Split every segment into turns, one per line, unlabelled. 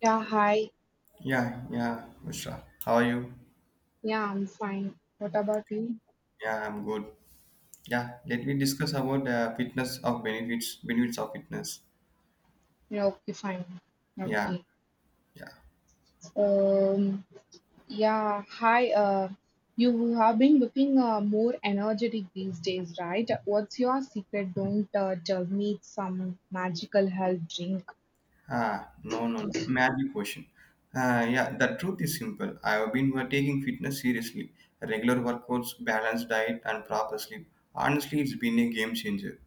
Yeah, hi.
Yeah, Mishra. How are you?
Yeah, I'm fine. What about you?
Yeah, I'm good. Yeah, let me discuss about the fitness of benefits of fitness.
Yeah, okay, fine.
Yeah,
Okay.
yeah.
Um, yeah, hi. You have been looking more energetic these days, right? What's your secret? Don't tell me it's some magical health drink.
Ah, no. Magic question. Ah, yeah, the truth is simple. I have been taking fitness seriously. Regular workouts, balanced diet, and proper sleep. Honestly, it's been a game changer.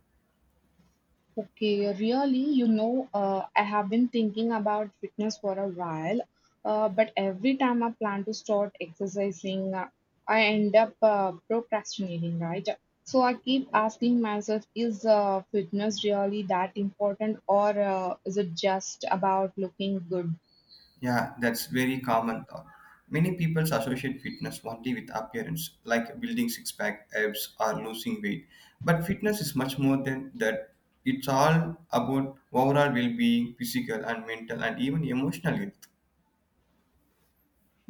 Okay, really, you know, I have been thinking about fitness for a while, but every time I plan to start exercising, I end up procrastinating, right? So I keep asking myself, is fitness really that important, or is it just about looking good?
Yeah, that's very common thought. Many people associate fitness only with appearance, like building six pack abs or losing weight. But fitness is much more than that. It's all about overall well being, physical and mental, and even emotional health.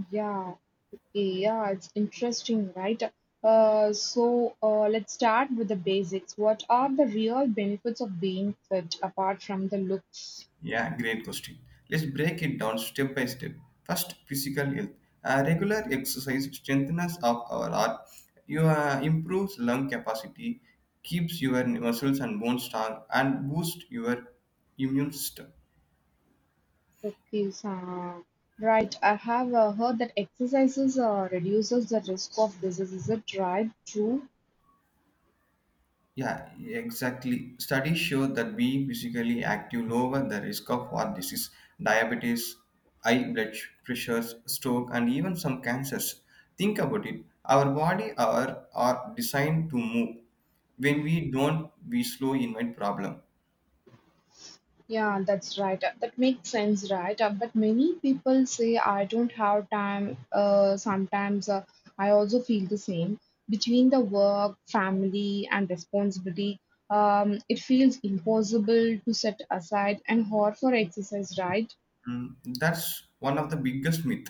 Yeah, okay, yeah, it's interesting, right? So let's start with the basics. What are the real benefits of being fit apart from the looks?
Yeah, great question. Let's break it down step by step. First, physical health. Regular exercise strengthens up our heart. You improves lung capacity, keeps your muscles and bones strong, and boosts your immune system.
Okay, so right. I have heard that exercises reduces the risk of disease. Is it right? True.
Yeah, exactly. Studies show that being physically active lower the risk of heart disease, diabetes, high pressures, stroke, and even some cancers. Think about it. Our body are designed to move. When we don't, we slow invite problem.
Yeah, that's right. That makes sense, right? But many people say I don't have time. Sometimes I also feel the same. Between the work, family, and responsibility, it feels impossible to set aside an hour for exercise, right?
That's one of the biggest myth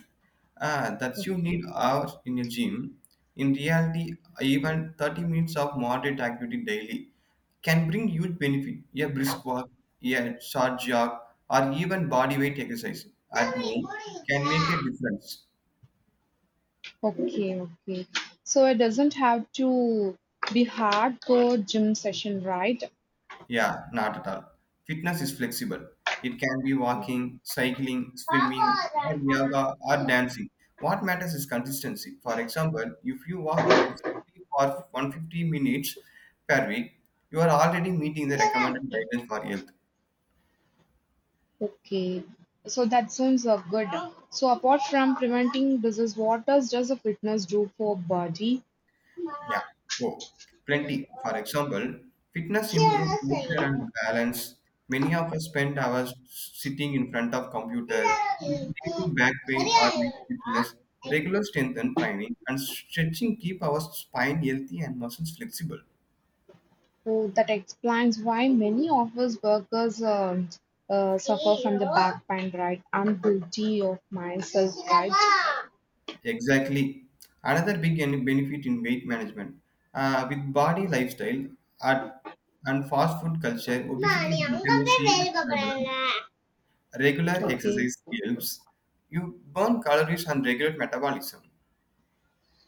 that you need hours in a gym. In reality, even 30 minutes of moderate activity daily can bring huge benefit. A brisk walk, a short jog, or even body weight exercise at home can make a difference.
Okay, okay. So it doesn't have to be hardcore gym session, right?
Yeah, not at all. Fitness is flexible. It can be walking, cycling, swimming, or yoga, or dancing. What matters is consistency. For example, if you walk briskly for 150 minutes per week, you are already meeting the recommended guidelines for health.
Okay. So that sounds good. So apart from preventing disease, what does a fitness do for body?
Yeah, oh, plenty. For example, fitness improve posture and balance. Many of us spend hours sitting in front of computer, which lead to back pain or weak stiffness. Regular strength and training and stretching keep our spine healthy and muscles flexible.
So that explains why many office workers suffer from the back pain, right? I'm guilty of myself, right?
Exactly. Another benefit in weight management. With body lifestyle at, and fast food culture, obesity is becoming a serious problem. Regular
Okay,
exercise helps. You burn calories and regulate metabolism.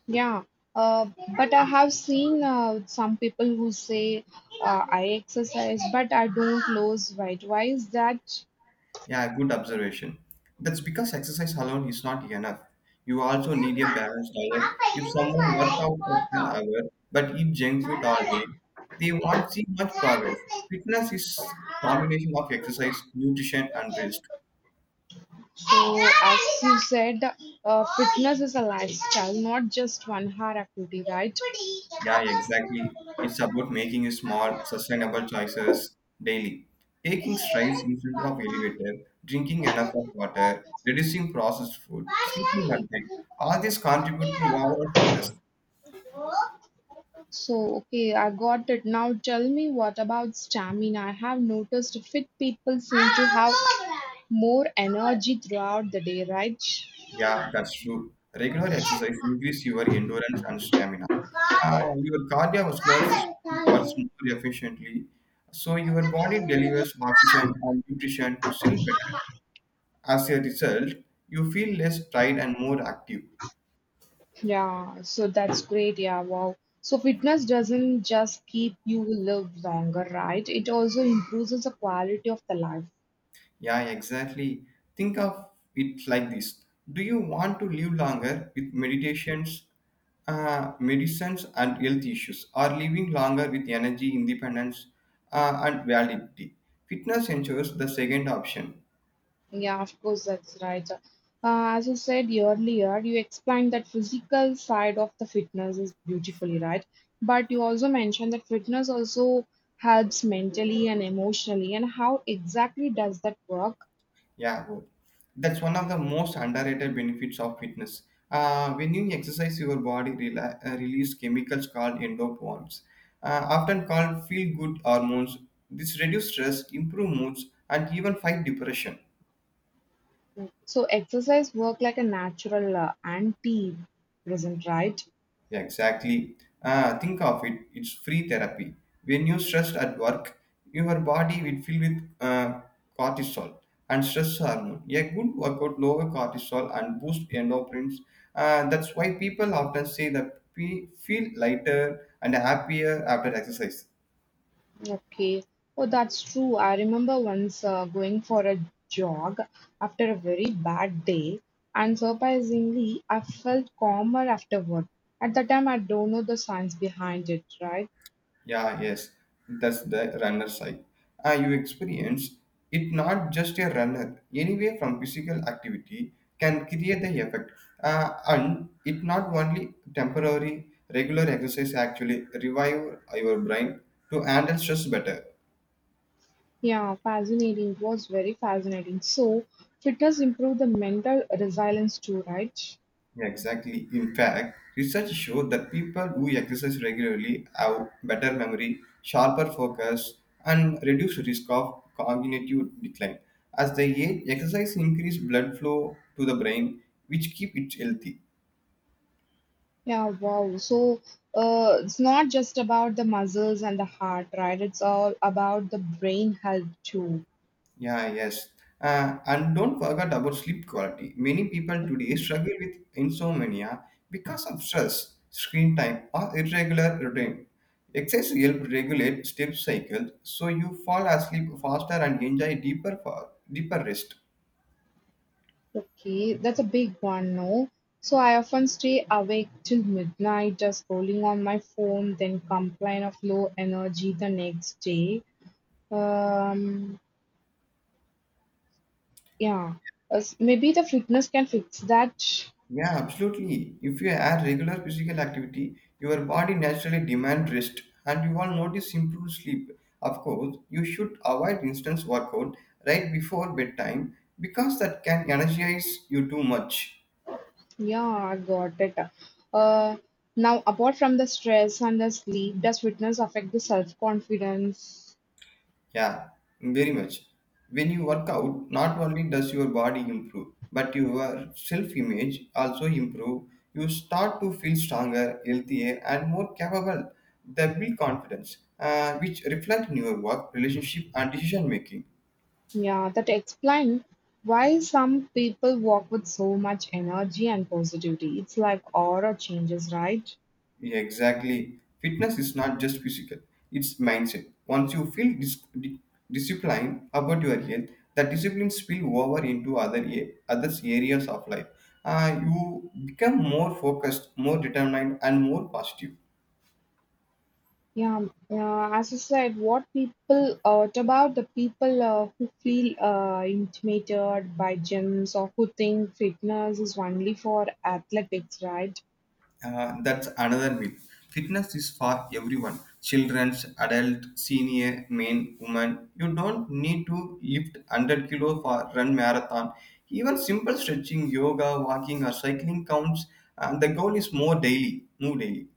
yeah. Uh, but I have seen some people who say I exercise, but I don't lose weight. Why is that?
Yeah, good observation. That's because exercise alone is not enough. You also need a balanced diet. If someone work out of an hour but eat junk food all day, they won't see much progress. Fitness is combination of exercise, nutrition, and rest.
So, as you said, fitness is a lifestyle, not just one hard activity, right?
Yeah, exactly. It's about making small, sustainable choices daily. Taking strides instead of elevator, drinking enough of water, reducing processed food, sleeping on time. All these contribute to overall fitness.
So, okay, I got it. Now tell me what about stamina? I have noticed fit people seem to have more energy throughout the day, right?
Yeah, that's true. Regular exercise increase your endurance and stamina. Your cardiovascular system works more efficiently, so your body delivers oxygen and nutrition to cell better. As a result, you feel less tired and more active.
Yeah, so that's great. Yeah, wow. So fitness doesn't just keep you live longer, right? It also improves the quality of the life.
Yeah, exactly. Think of it like this. Do you want to live longer with meditations, medicines, and health issues, or living longer with energy, independence, and validity? Fitness ensures the second option.
Yeah, of course, that's right. As you said earlier, you explained that physical side of the fitness is beautifully, right? But you also mentioned that fitness also helps mentally and emotionally. And how exactly does that work?
Yeah, good. That's one of the most underrated benefits of fitness. When you exercise, your body release chemicals called endorphins, often called feel-good hormones. This reduce stress, improve moods, and even fight depression.
So exercise work like a natural anti-present, right?
Yeah, exactly. Ah, think of it. It's free therapy. When you're stressed at work, your body will fill with cortisol and stress hormone. A good workout lower cortisol and boost endorphins. That's why people often say that we feel lighter and happier after exercise.
Okay. Oh, that's true. I remember once going for a jog after a very bad day, and surprisingly, I felt calmer afterward. At the time, I don't know the science behind it, right?
Yeah, yes, that's the runner side. You experience it not just a runner. Anyway, from physical activity can create the effect, and it not only temporary. Regular exercise actually revive your brain to handle stress better.
Yeah, fascinating. It was very fascinating. So, fitness improve the mental resilience too, right?
Yeah, exactly. In fact, research showed that people who exercise regularly have better memory, sharper focus, and reduced risk of cognitive decline. As they age, exercise increase blood flow to the brain, which keep it healthy.
Yeah, wow. So, it's not just about the muscles and the heart, right? It's all about the brain health too.
Yeah, yes. And don't forget about sleep quality. Many people today struggle with insomnia because of stress, screen time, or irregular routine. Exercise helps regulate sleep cycles so you fall asleep faster and enjoy deeper rest.
Okay, that's a big one, no? So I often stay awake till midnight just scrolling on my phone, then complain of low energy the next day. Um, yeah, maybe the fitness can fix that.
Yeah, absolutely. If you add regular physical activity, your body naturally demands rest and you will notice improved sleep. Of course, you should avoid instant workout right before bedtime because that can energize you too much.
Yeah, I got it. Uh, now apart from the stress and the sleep, does fitness affect the self-confidence?
Yeah, very much. When you work out, not only does your body improve, but your self-image also improve. You start to feel stronger, healthier, and more capable. They build confidence, which reflect in your work, relationship, and decision making.
Yeah, that explain why some people walk with so much energy and positivity. It's like aura changes, right?
Yeah, exactly. Fitness is not just physical, it's mindset. Once you feel disciplined about your health, that discipline spill over into other others areas of life. You become more focused, more determined, and more positive.
Yeah, as you said, what about the people who feel intimidated by gyms or who think fitness is only for athletics, right?
That's another myth. Fitness is for everyone children, adult, senior, men, women. You don't need to lift 100 kilo for run marathon. Even simple stretching, yoga, walking, or cycling counts. And the goal is more daily, move daily.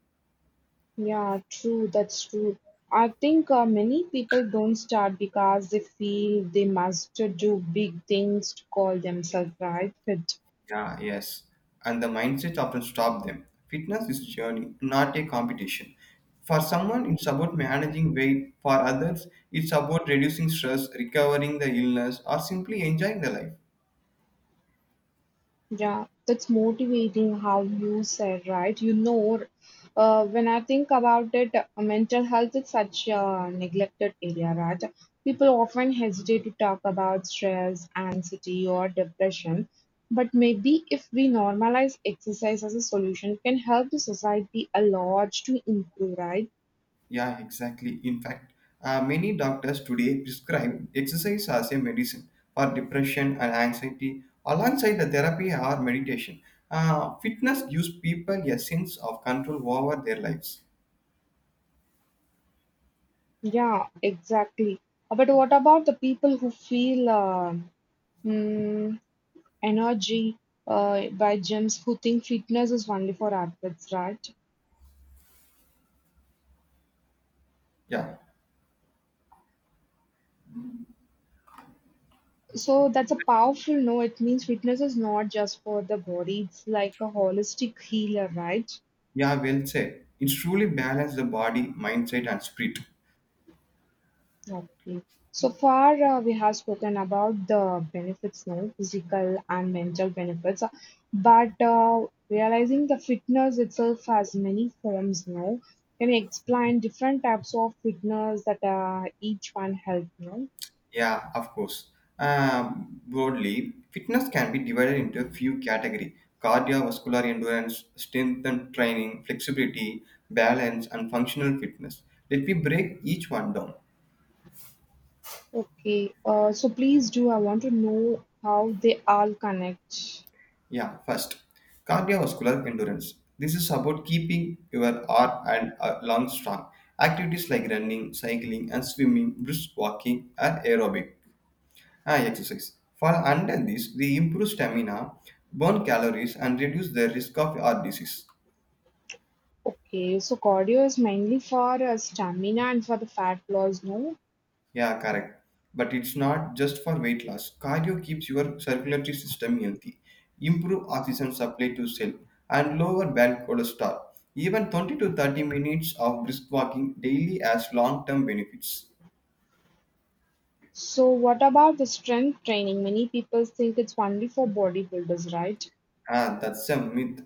Yeah, true, that's true. I think many people don't start because they feel they must do big things to call themselves right fit.
Yeah, yes. And the mindset often stop them. Fitness is a journey, not a competition. For someone, it's about managing weight. For others, it's about reducing stress, recovering the illness, or simply enjoying the life.
Yeah, that's motivating how you said, right? You know, when I think about it, mental health is such a neglected area, right? People often hesitate to talk about stress, anxiety, or depression. But maybe if we normalize exercise as a solution, it can help the society a lot to improve, right?
Yeah, exactly. In fact, many doctors today prescribe exercise as a medicine for depression and anxiety alongside the therapy or meditation. Fitness gives people a sense of control over their lives.
Yeah, exactly. But what about the people who feel mm, energy by gyms who think fitness is only for athletes, right?
Yeah,
So that's a powerful no. It means fitness is not just for the body, it's like a holistic healer, right?
yeah, well said. It's truly balance the body, mindset, and spirit.
Okay. So far, we have spoken about the benefits, no, physical and mental benefits, but realizing the fitness itself has many forms, no. Can you explain different types of fitness that each one help, no?
Yeah, of course. Broadly, fitness can be divided into a few categories cardiovascular endurance, strength and training, flexibility, balance, and functional fitness. Let me break each one down.
Okay, so please do. I want to know how they all connect.
Yeah, first, cardiovascular endurance. This is about keeping your heart and lungs strong. Activities like running, cycling, and swimming, brisk walking, are aerobic. Ah, exercise. For unhealthies, they improve stamina, burn calories, and reduce the risk of heart disease.
Okay, so cardio is mainly for stamina and for the fat loss, no?
Yeah, correct. But it's not just for weight loss. Cardio keeps your circulatory system healthy, improve oxygen supply to cell, and lower bad cholesterol. Even 20 to 30 minutes of brisk walking daily has long-term benefits.
So, what about the strength training? Many people think it's only for bodybuilders, right?
Ah, that's a myth.